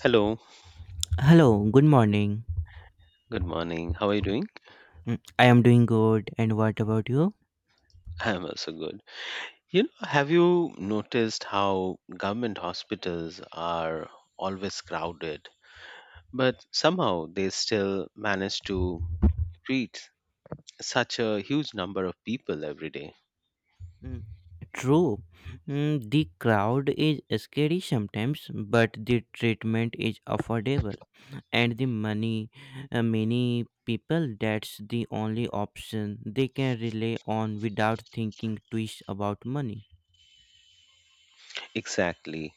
Hello, Hello, good morning. good morning. How are you doing? Mm, I am doing good, and what about you? I'm also good. You know, have you noticed how government hospitals are always crowded, but somehow they still manage to treat such a huge number of people every day? Mm, true. Mm, the crowd is scary sometimes, but the treatment is affordable, and the money, many people that's the only option they can rely on without thinking twice about money. Exactly.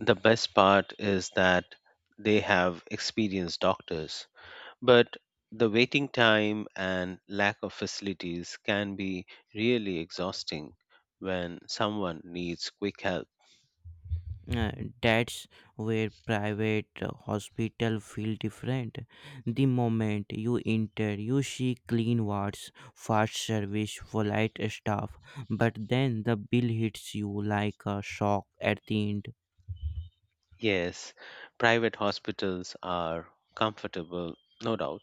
The best part is that they have experienced doctors, but the waiting time and lack of facilities can be really exhausting when someone needs quick help. Uh, that's where private hospital feel different. The moment you enter you see clean wards, fast service, polite staff, but then the bill hits you like a shock at the end. Yes, private hospitals are comfortable, no doubt,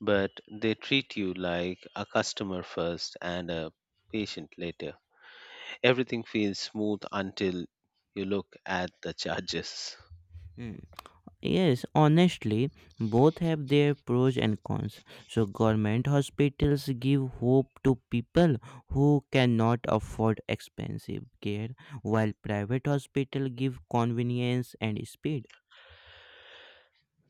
but they treat you like a customer first and a patient later. Everything feels smooth until you look at the charges. Mm. Yes, honestly, both have their pros and cons, so government hospitals give hope to people who cannot afford expensive care, while private hospital give convenience and speed.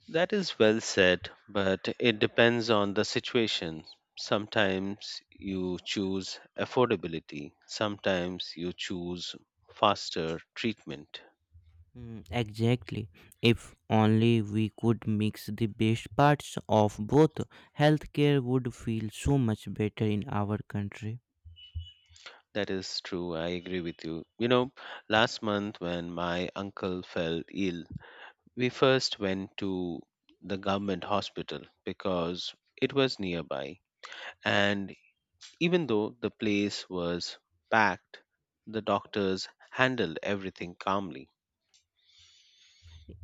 That is well said, but it depends on the situation. Sometimes you choose affordability, sometimes you choose faster treatment. Mm, exactly. If only we could mix the best parts of both, healthcare would feel so much better in our country. That is true. I agree with you. You know, last month when my uncle fell ill, we first went to the government hospital because it was nearby. And even though the place was packed, the doctors handled everything calmly.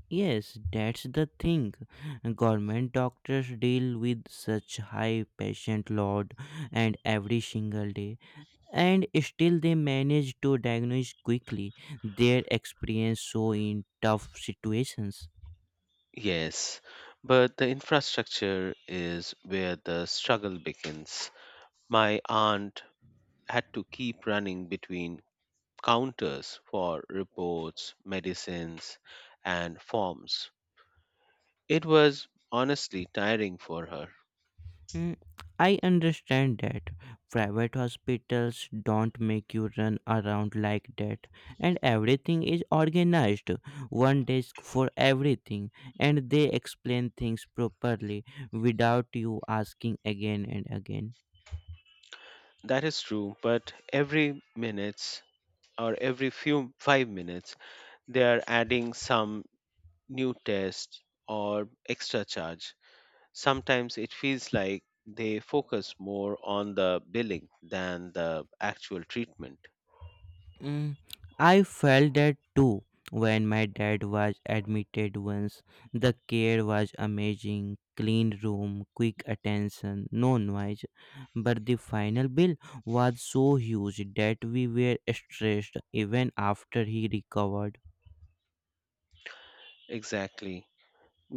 Yes, that's the thing. Government doctors deal with such high patient load and every single day, and still they manage to diagnose quickly, their experience so in tough situations. Yes, but the infrastructure is where the struggle begins. My aunt had to keep running between counters for reports, medicines, and forms. It was honestly tiring for her. Mm, I understand that private hospitals don't make you run around like that, and everything is organized. One desk for everything, and they explain things properly without you asking again and again. That is true, but every minutes or every few 5 minutes they are adding some new test or extra charge. Sometimes it feels like they focus more on the billing than the actual treatment. Mm, I felt that too when my dad was admitted once. The care was amazing, clean room, quick attention, no noise. But the final bill was so huge that we were stressed even after he recovered. Exactly.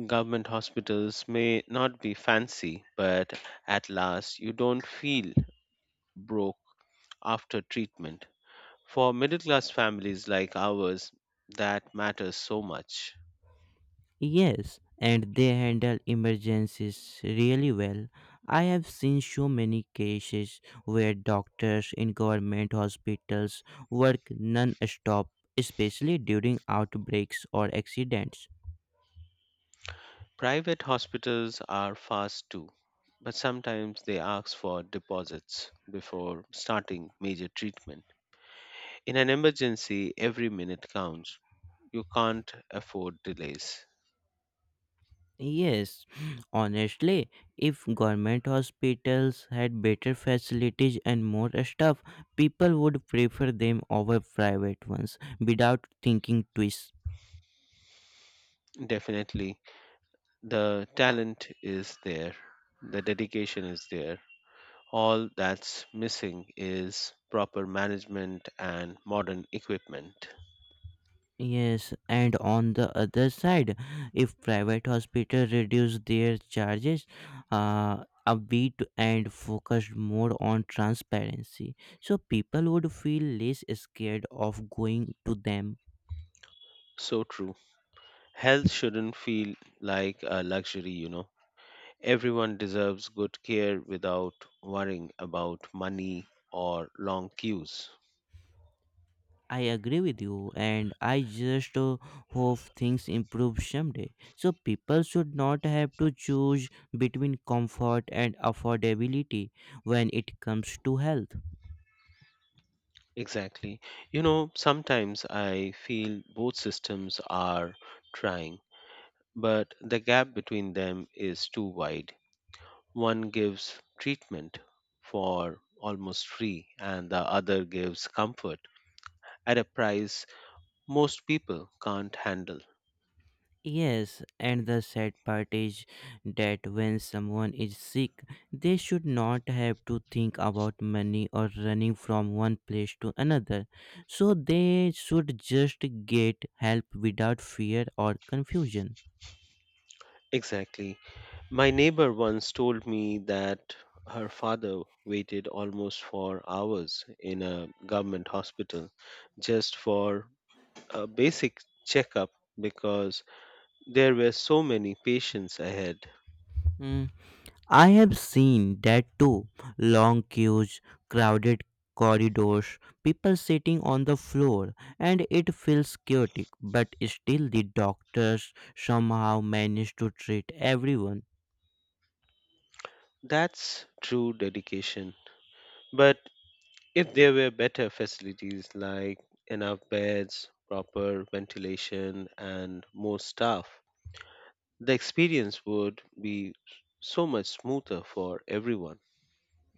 Government hospitals may not be fancy, but at last you don't feel broke after treatment. For middle class families like ours, that matters so much. Yes, and they handle emergencies really well. I have seen so many cases where doctors in government hospitals work non stop, especially during outbreaks or accidents. Private hospitals are fast too, but sometimes they ask for deposits before starting major treatment. In an emergency, every minute counts. You can't afford delays. Yes, honestly, if government hospitals had better facilities and more staff, people would prefer them over private ones without thinking twice. Definitely. The talent is there, the dedication is there. All that's missing is proper management and modern equipment. Yes, and on the other side, if private hospitals reduce their charges a bit and focus more on transparency, so people would feel less scared of going to them. So true. Health shouldn't feel like a luxury, you know. Everyone deserves good care without worrying about money or long queues. I agree with you, and I just hope things improve someday. So people should not have to choose between comfort and affordability when it comes to health. Exactly. You know, sometimes I feel both systems are trying, but the gap between them is too wide. One gives treatment for almost free, and the other gives comfort at a price most people can't handle. Yes, and the sad part is that when someone is sick, they should not have to think about money or running from one place to another. So they should just get help without fear or confusion. Exactly. My neighbor once told me that her father waited almost for hours in a government hospital just for a basic checkup because there were so many patients ahead. Mm, I have seen that too. Long queues, crowded corridors, people sitting on the floor, and it feels chaotic, but still the doctors somehow manage to treat everyone. That's true dedication. But if there were better facilities like enough beds, proper ventilation, and more staff, the experience would be so much smoother for everyone.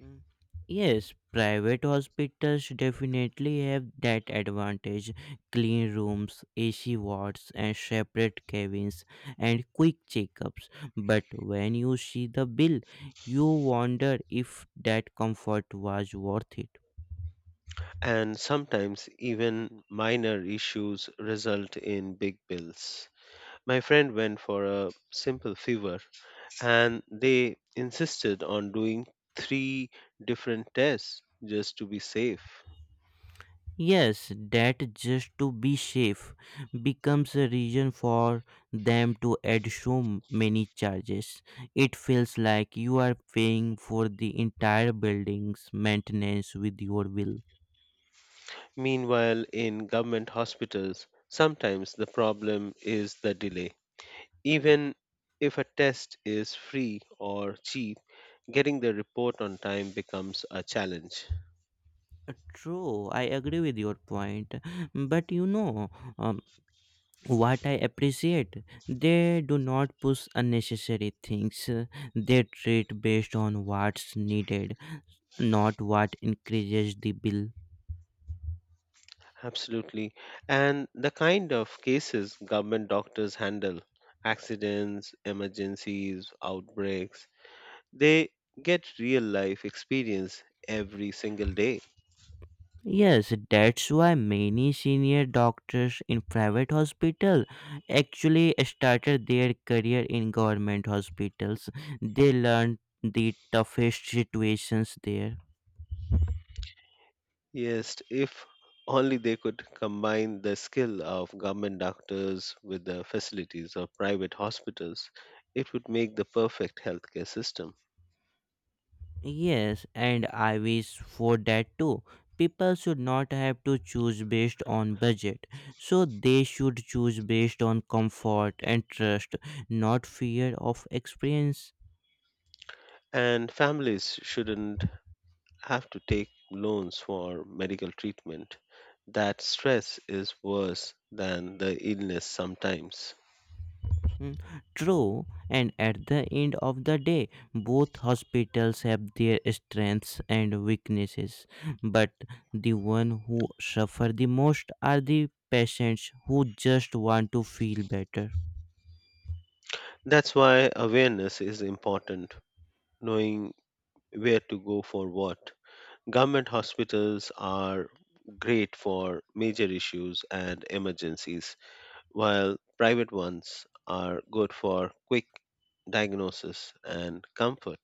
Mm. Yes, private hospitals definitely have that advantage. Clean rooms, AC wards, and separate cabins, and quick checkups. But when you see the bill, you wonder if that comfort was worth it. And sometimes even minor issues result in big bills. My friend went for a simple fever and they insisted on doing three different tests just to be safe. Yes, that just to be safe becomes a reason for them to add so many charges. It feels like you are paying for the entire building's maintenance with your will. Meanwhile, in government hospitals, sometimes the problem is the delay. Even if a test is free or cheap, getting the report on time becomes a challenge. True, I agree with your point. But you know, um, what I appreciate, they do not push unnecessary things. They treat based on what's needed, not what increases the bill. Absolutely. And the kind of cases government doctors handle, accidents, emergencies, outbreaks, they get real life experience every single day. Yes, that's why many senior doctors in private hospital actually started their career in government hospitals. They learned the toughest situations there. Yes, if only they could combine the skill of government doctors with the facilities of private hospitals, it would make the perfect healthcare system. Yes, and I wish for that too. People should not have to choose based on budget. So they should choose based on comfort and trust, not fear of experience. And families shouldn't have to take loans for medical treatment. That stress is worse than the illness sometimes. Mm, true, and at the end of the day, both hospitals have their strengths and weaknesses, but the one who suffer the most are the patients who just want to feel better. That's why awareness is important, knowing where to go for what. Government hospitals are great for major issues and emergencies, while private ones are good for quick diagnosis and comfort.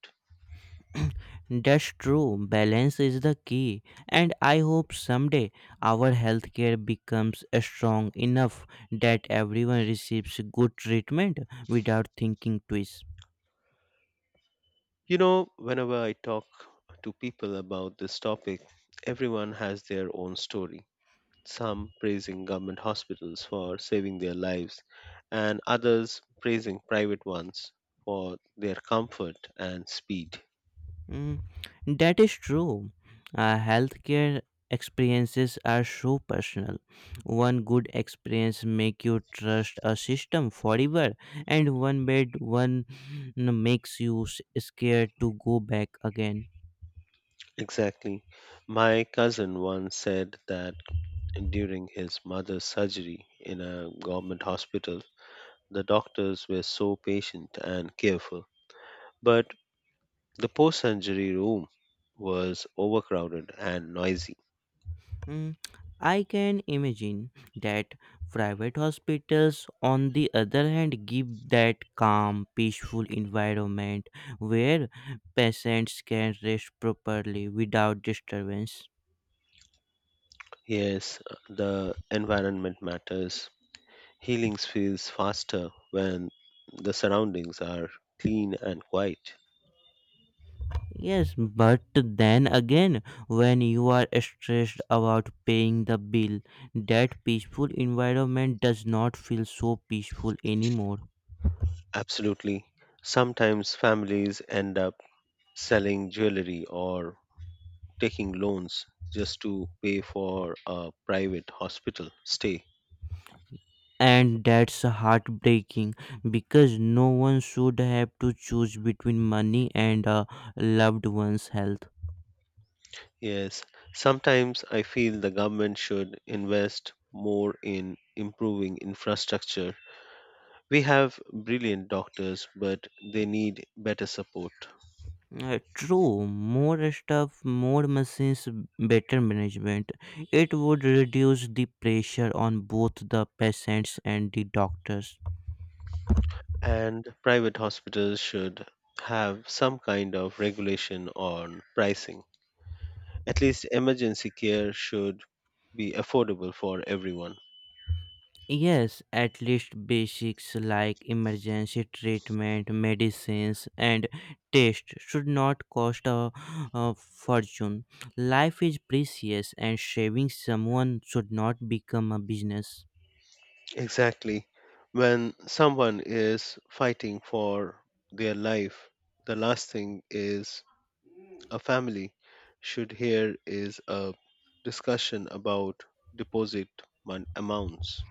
That's true, balance is the key, and I hope someday our healthcare becomes strong enough that everyone receives good treatment without thinking twice. You know, whenever I talk to people about this topic, everyone has their own story. Some praising government hospitals for saving their lives, and others praising private ones for their comfort and speed. Mm, that is true. Healthcare experiences are so personal. One good experience make you trust a system forever, and one bad one, makes you scared to go back again. Exactly. My cousin once said that during his mother's surgery in a government hospital. The doctors were so patient and careful, but the post surgery room was overcrowded and noisy. Mm, I can imagine that. Private hospitals, on the other hand, give that calm, peaceful environment where patients can rest properly without disturbance. Yes, the environment matters. Healing feels faster when the surroundings are clean and quiet. Yes, but then again, when you are stressed about paying the bill, that peaceful environment does not feel so peaceful anymore. Absolutely. Sometimes families end up selling jewelry or taking loans just to pay for a private hospital stay. And that's heartbreaking because no one should have to choose between money and a loved one's health. Yes, sometimes I feel the government should invest more in improving infrastructure. We have brilliant doctors, but they need better support. True, more stuff, more machines, better management. It would reduce the pressure on both the patients and the doctors. And private hospitals should have some kind of regulation on pricing. At least emergency care should be affordable for everyone. Yes, at least basics like emergency treatment, medicines, and tests should not cost a fortune. Life is precious, and saving someone should not become a business. Exactly. When someone is fighting for their life, the last thing is a family should hear is a discussion about deposit mon- amounts.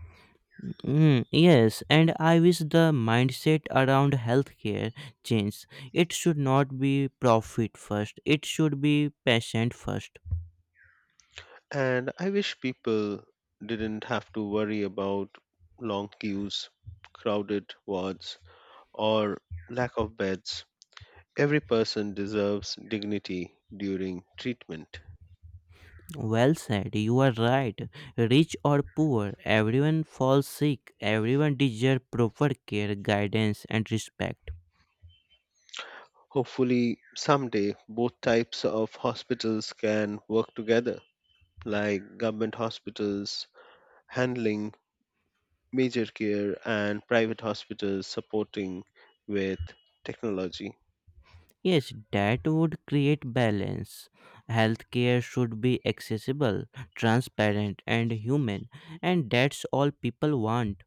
Mm, yes, and I wish the mindset around healthcare changed. It should not be profit first, it should be patient first. And I wish people didn't have to worry about long queues, crowded wards, or lack of beds. Every person deserves dignity during treatment. Well said, you are right. Rich or poor, everyone falls sick. Everyone deserves proper care, guidance, and respect. Hopefully, someday both types of hospitals can work together, like government hospitals handling major care and private hospitals supporting with technology. Yes, that would create balance. Healthcare should be accessible, transparent, and human, and that's all people want.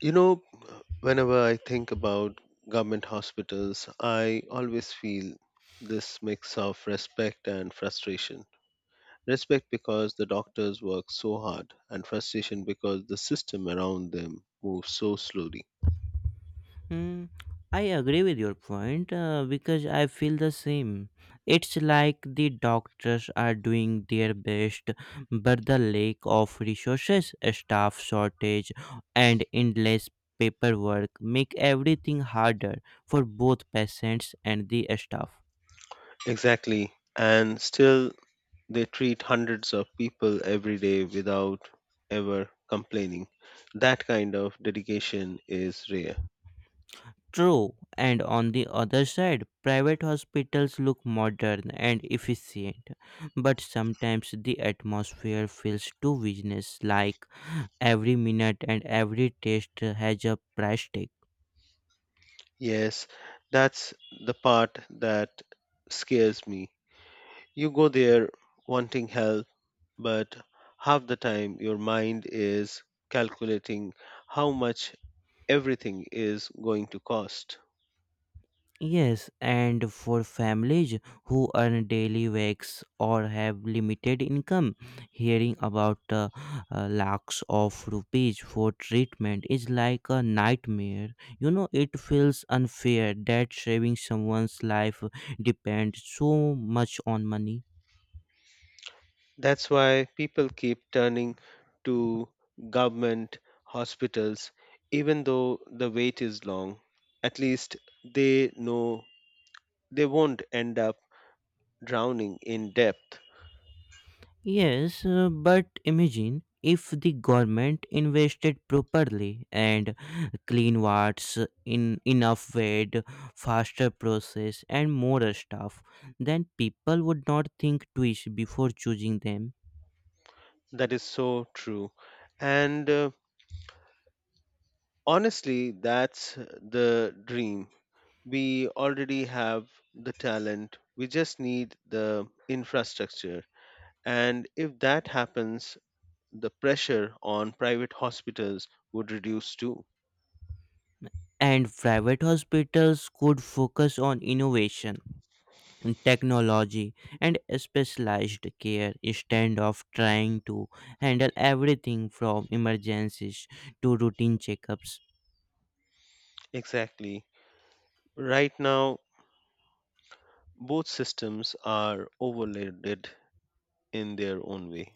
You know, whenever I think about government hospitals, I always feel this mix of respect and frustration. Respect because the doctors work so hard, and frustration because the system around them moves so slowly. Hmm, I agree with your point, because I feel the same. It's like the doctors are doing their best, but the lack of resources, staff shortage, and endless paperwork make everything harder for both patients and the staff. Exactly. And still, they treat hundreds of people every day without ever complaining. That kind of dedication is rare. True, and on the other side, private hospitals look modern and efficient, but sometimes the atmosphere feels too business like, every minute and every test has a price tag. Yes, that's the part that scares me. You go there wanting help, but half the time your mind is calculating how much everything is going to cost. Yes, and for families who earn daily wages or have limited income, hearing about lakhs of rupees for treatment is like a nightmare. You know, it feels unfair that saving someone's life depends so much on money. That's why people keep turning to government hospitals, even though the wait is long. At least they know they won't end up drowning in depth. Yes, but imagine if the government invested properly and clean wards in enough weight, faster process, and more staff, then people would not think twice before choosing them. That is so true. And honestly, that's the dream. We already have the talent, we just need the infrastructure. And if that happens, the pressure on private hospitals would reduce too. And private hospitals could focus on innovation, technology, and specialized care instead of trying to handle everything from emergencies to routine checkups. Exactly. Right now, both systems are overloaded in their own way.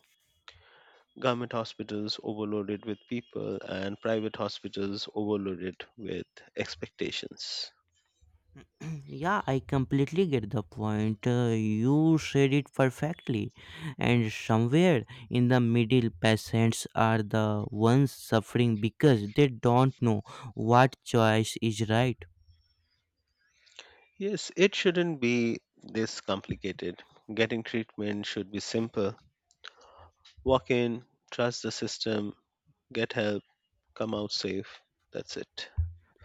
Government hospitals overloaded with people, and private hospitals overloaded with expectations. Yeah, I completely get the point. You said it perfectly. And somewhere in the middle, patients are the ones suffering because they don't know what choice is right. Yes, it shouldn't be this complicated. Getting treatment should be simple. Walk in, trust the system, get help, come out safe. That's it.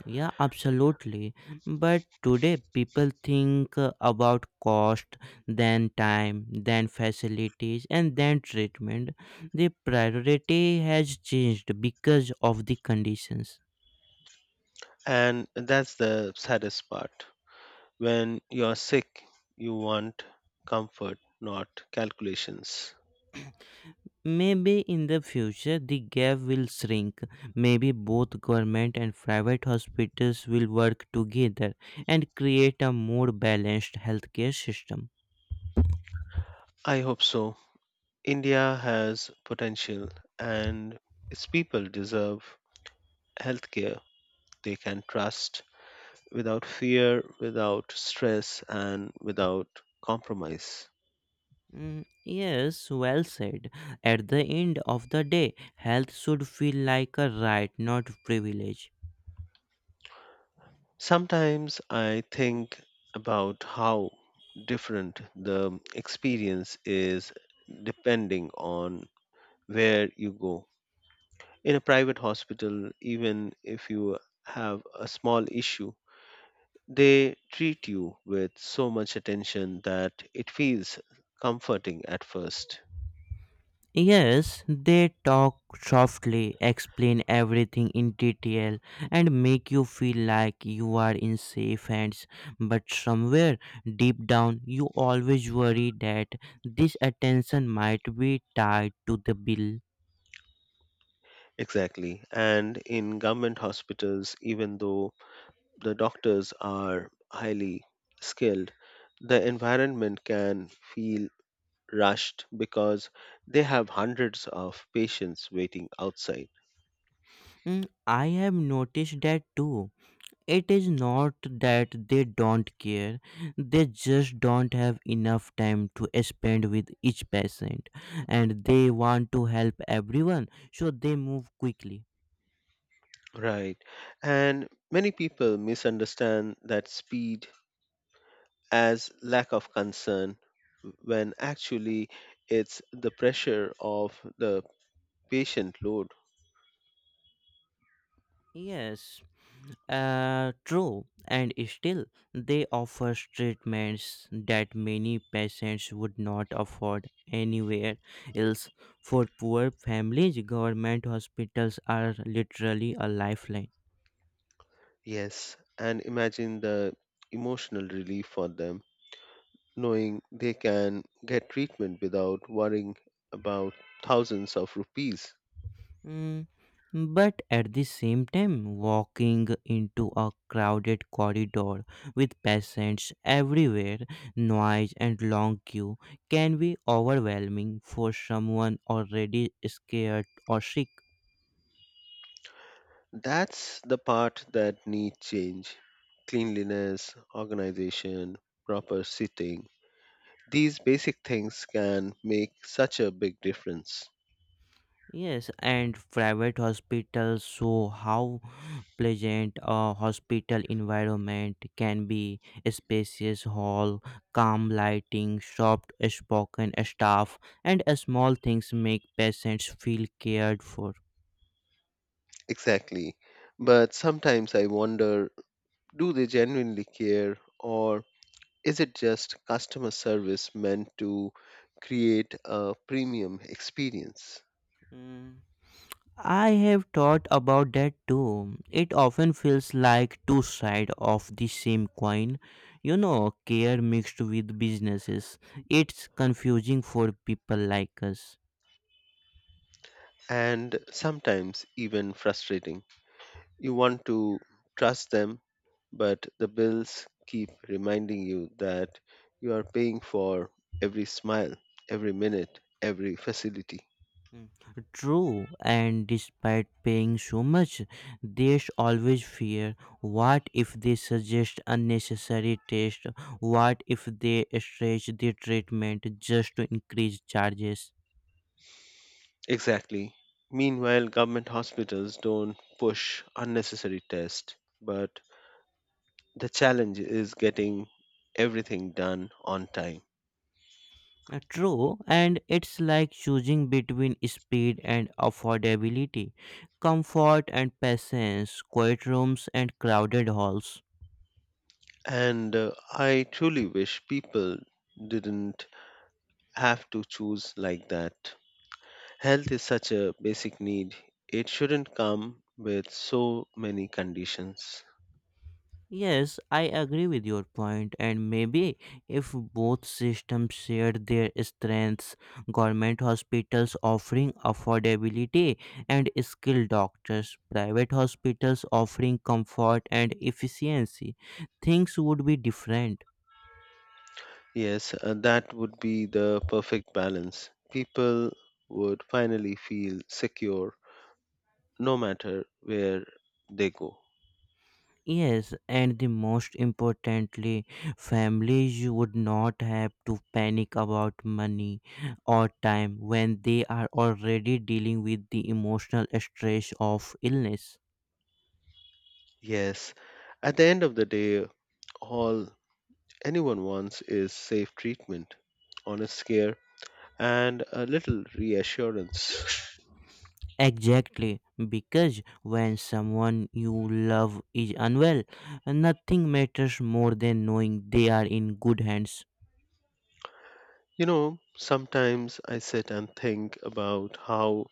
Yeah, absolutely. But today, people think about cost, then time, then facilities, and then treatment. The priority has changed because of the conditions. And that's the saddest part. When you're sick, you want comfort, not calculations. Maybe in the future the gap will shrink. Maybe both government and private hospitals will work together and create a more balanced healthcare system. I hope so. India has potential and its people deserve healthcare they can trust without fear, without stress, and without compromise. Mm, yes, well said. At the end of the day, health should feel like a right, not privilege. Sometimes I think about how different the experience is depending on where you go. In a private hospital, even if you have a small issue, they treat you with so much attention that it feels comforting at first. Yes, they talk softly, explain everything in detail, and make you feel like you are in safe hands. But somewhere deep down, you always worry that this attention might be tied to the bill. Exactly. And in government hospitals, even though the doctors are highly skilled, the environment can feel rushed because they have hundreds of patients waiting outside. Mm, I have noticed that too. It is not that they don't care, they just don't have enough time to spend with each patient, and they want to help everyone, so they move quickly. Right. And many people misunderstand that speed as lack of concern when actually it's the pressure of the patient load. Yes, true, and still they offer treatments that many patients would not afford anywhere else. For poor families, government hospitals are literally a lifeline. Yes, and imagine the emotional relief for them knowing they can get treatment without worrying about thousands of rupees. Mm, but at the same time, walking into a crowded corridor with patients everywhere, noise and long queue can be overwhelming for someone already scared or sick. That's the part that needs change. Cleanliness, organization, proper seating. These basic things can make such a big difference. Yes, and private hospitals show how pleasant a hospital environment can be. A spacious hall, calm lighting, soft spoken staff, and small things make patients feel cared for. Exactly. But sometimes I wonder, do they genuinely care, or is it just customer service meant to create a premium experience? Mm, I have thought about that too. It often feels like two sides of the same coin. You know, care mixed with businesses. It's confusing for people like us. And sometimes even frustrating. You want to trust them, but the bills keep reminding you that you are paying for every smile, every minute, every facility. Mm, true, and despite paying so much, there's always fear. What if they suggest unnecessary tests? What if they stretch the treatment just to increase charges? Exactly. Meanwhile, government hospitals don't push unnecessary tests, but the challenge is getting everything done on time. True, and it's like choosing between speed and affordability, comfort and patience, quiet rooms and crowded halls. And I truly wish people didn't have to choose like that. Health is such a basic need, it shouldn't come with so many conditions. Yes, I agree with your point, and maybe if both systems shared their strengths, government hospitals offering affordability and skilled doctors, private hospitals offering comfort and efficiency, things would be different. Yes, that would be the perfect balance. People would finally feel secure no matter where they go. Yes, and the most importantly, families would not have to panic about money or time when they are already dealing with the emotional stress of illness. Yes, at the end of the day, all anyone wants is safe treatment, honest care, and a little reassurance. Exactly, because when someone you love is unwell, nothing matters more than knowing they are in good hands. You know, sometimes I sit and think about how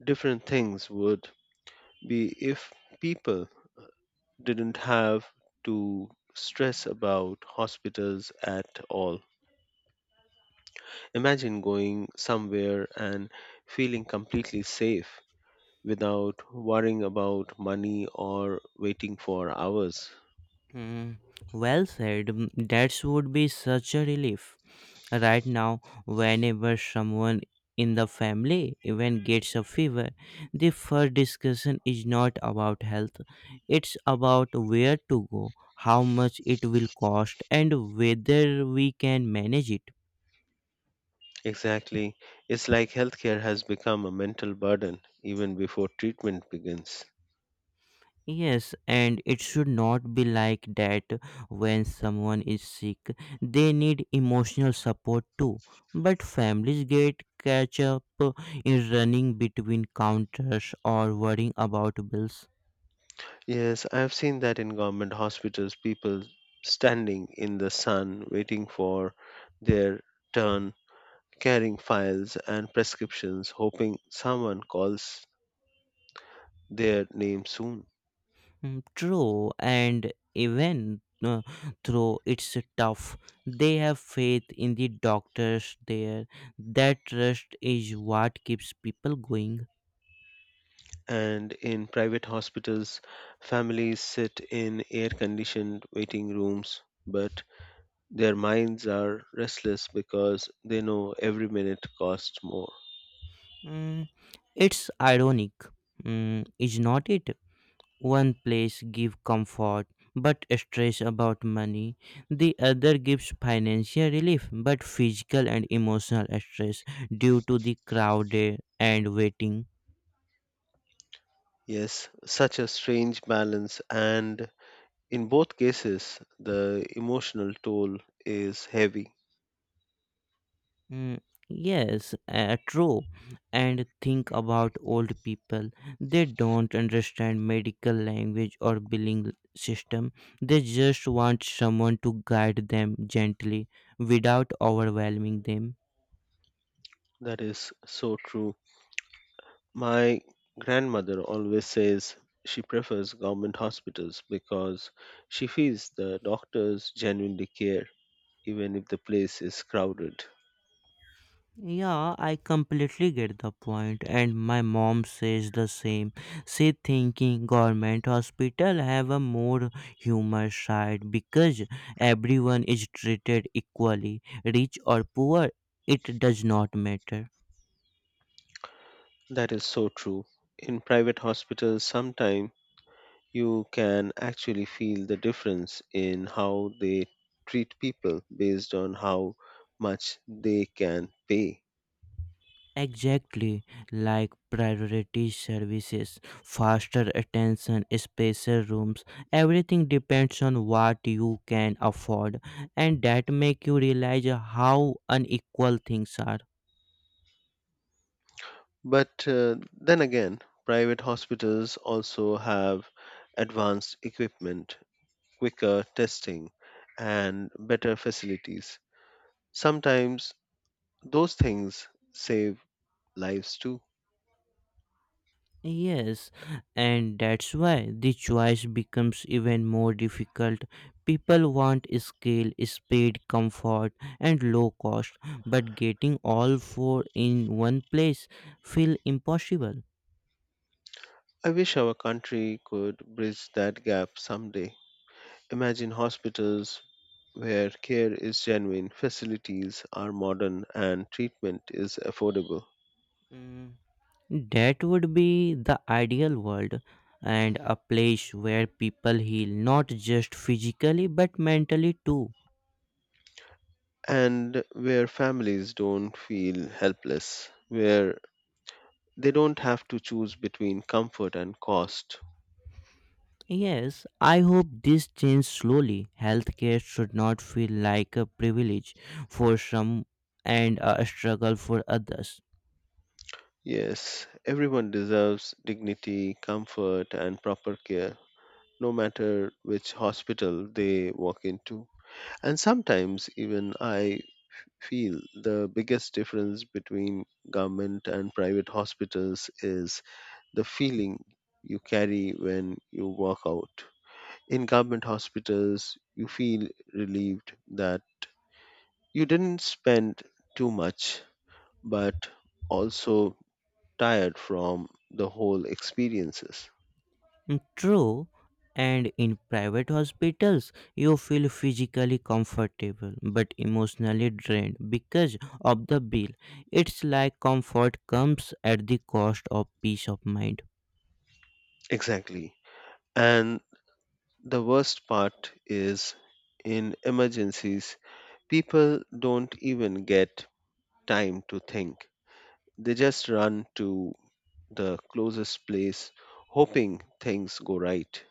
different things would be if people didn't have to stress about hospitals at all. Imagine going somewhere and feeling completely safe without worrying about money or waiting for hours. Hmm, well said, that would be such a relief. Right now, whenever someone in the family even gets a fever, the first discussion is not about health, it's about where to go, how much it will cost, and whether we can manage it. Exactly. It's like healthcare has become a mental burden even before treatment begins. Yes, and it should not be like that. When someone is sick, they need emotional support too, but families get catch up in running between counters or worrying about bills. Yes, I have seen that in government hospitals, people standing in the sun waiting for their turn, carrying files and prescriptions, hoping someone calls their name soon. Mm, true, and even though it's tough, they have faith in the doctors there. That trust is what keeps people going. And in private hospitals, families sit in air conditioned waiting rooms, but their minds are restless because they know every minute costs more. Mm, it's ironic, is not it? One place gives comfort but stress about money, the other gives financial relief but physical and emotional stress due to the crowded and waiting. Yes, such a strange balance, and in both cases, the emotional toll is heavy. Mm, yes, true. And think about old people. They don't understand medical language or billing system. They just want someone to guide them gently without overwhelming them. That is so true. My grandmother always says she prefers government hospitals because she feels the doctors genuinely care even if the place is crowded. Yeah, I completely get the point, and my mom says the same. She thinking government hospital have a more humor side because everyone is treated equally, rich or poor, it does not matter. That is so true. In private hospitals, sometimes you can actually feel the difference in how they treat people based on how much they can pay. Exactly, like priority services, faster attention, special rooms, everything depends on what you can afford, and that make you realize how unequal things are. But then again, private hospitals also have advanced equipment, quicker testing, and better facilities. Sometimes those things save lives too. Yes, and that's why the choice becomes even more difficult. People want scale, speed, comfort, and low cost, but getting all four in one place feel impossible. I wish our country could bridge that gap someday. Imagine hospitals where care is genuine, facilities are modern, and treatment is affordable, Mm, that would be the ideal world, and a place where people heal not just physically but mentally too. and where families don't feel helpless, where they don't have to choose between comfort and cost. Yes, I hope this changes slowly. Healthcare should not feel like a privilege for some and a struggle for others. Yes, everyone deserves dignity, comfort, and proper care, no matter which hospital they walk into. And sometimes even I feel the biggest difference between government and private hospitals is the feeling you carry when you walk out. In government hospitals, you feel relieved that you didn't spend too much, but also tired from the whole experiences. Mm, true, and in private hospitals, you feel physically comfortable but emotionally drained because of the bill. It's like comfort comes at the cost of peace of mind. Exactly. And the worst part is in emergencies, people don't even get time to think. They just run to the closest place, hoping things go right.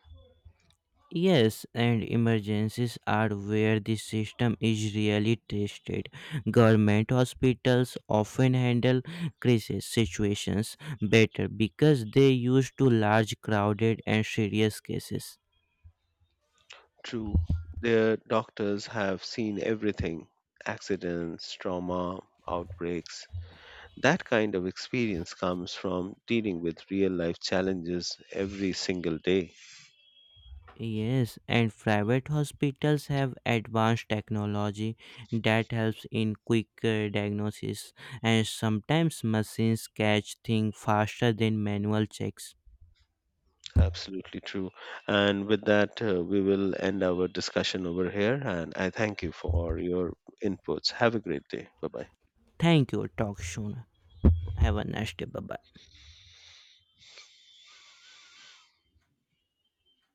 Yes, and emergencies are where the system is really tested. Government hospitals often handle crisis situations better because they used to large, crowded, and serious cases. True, their doctors have seen everything, accidents, trauma, outbreaks. That kind of experience comes from dealing with real life challenges every single day. Yes, and private hospitals have advanced technology that helps in quicker diagnosis, and sometimes machines catch things faster than manual checks. Absolutely true. And with that, we will end our discussion over here. And I thank you for your inputs. Have a great day. Bye bye. Thank you, talk soon. Have a nice day. Bye bye.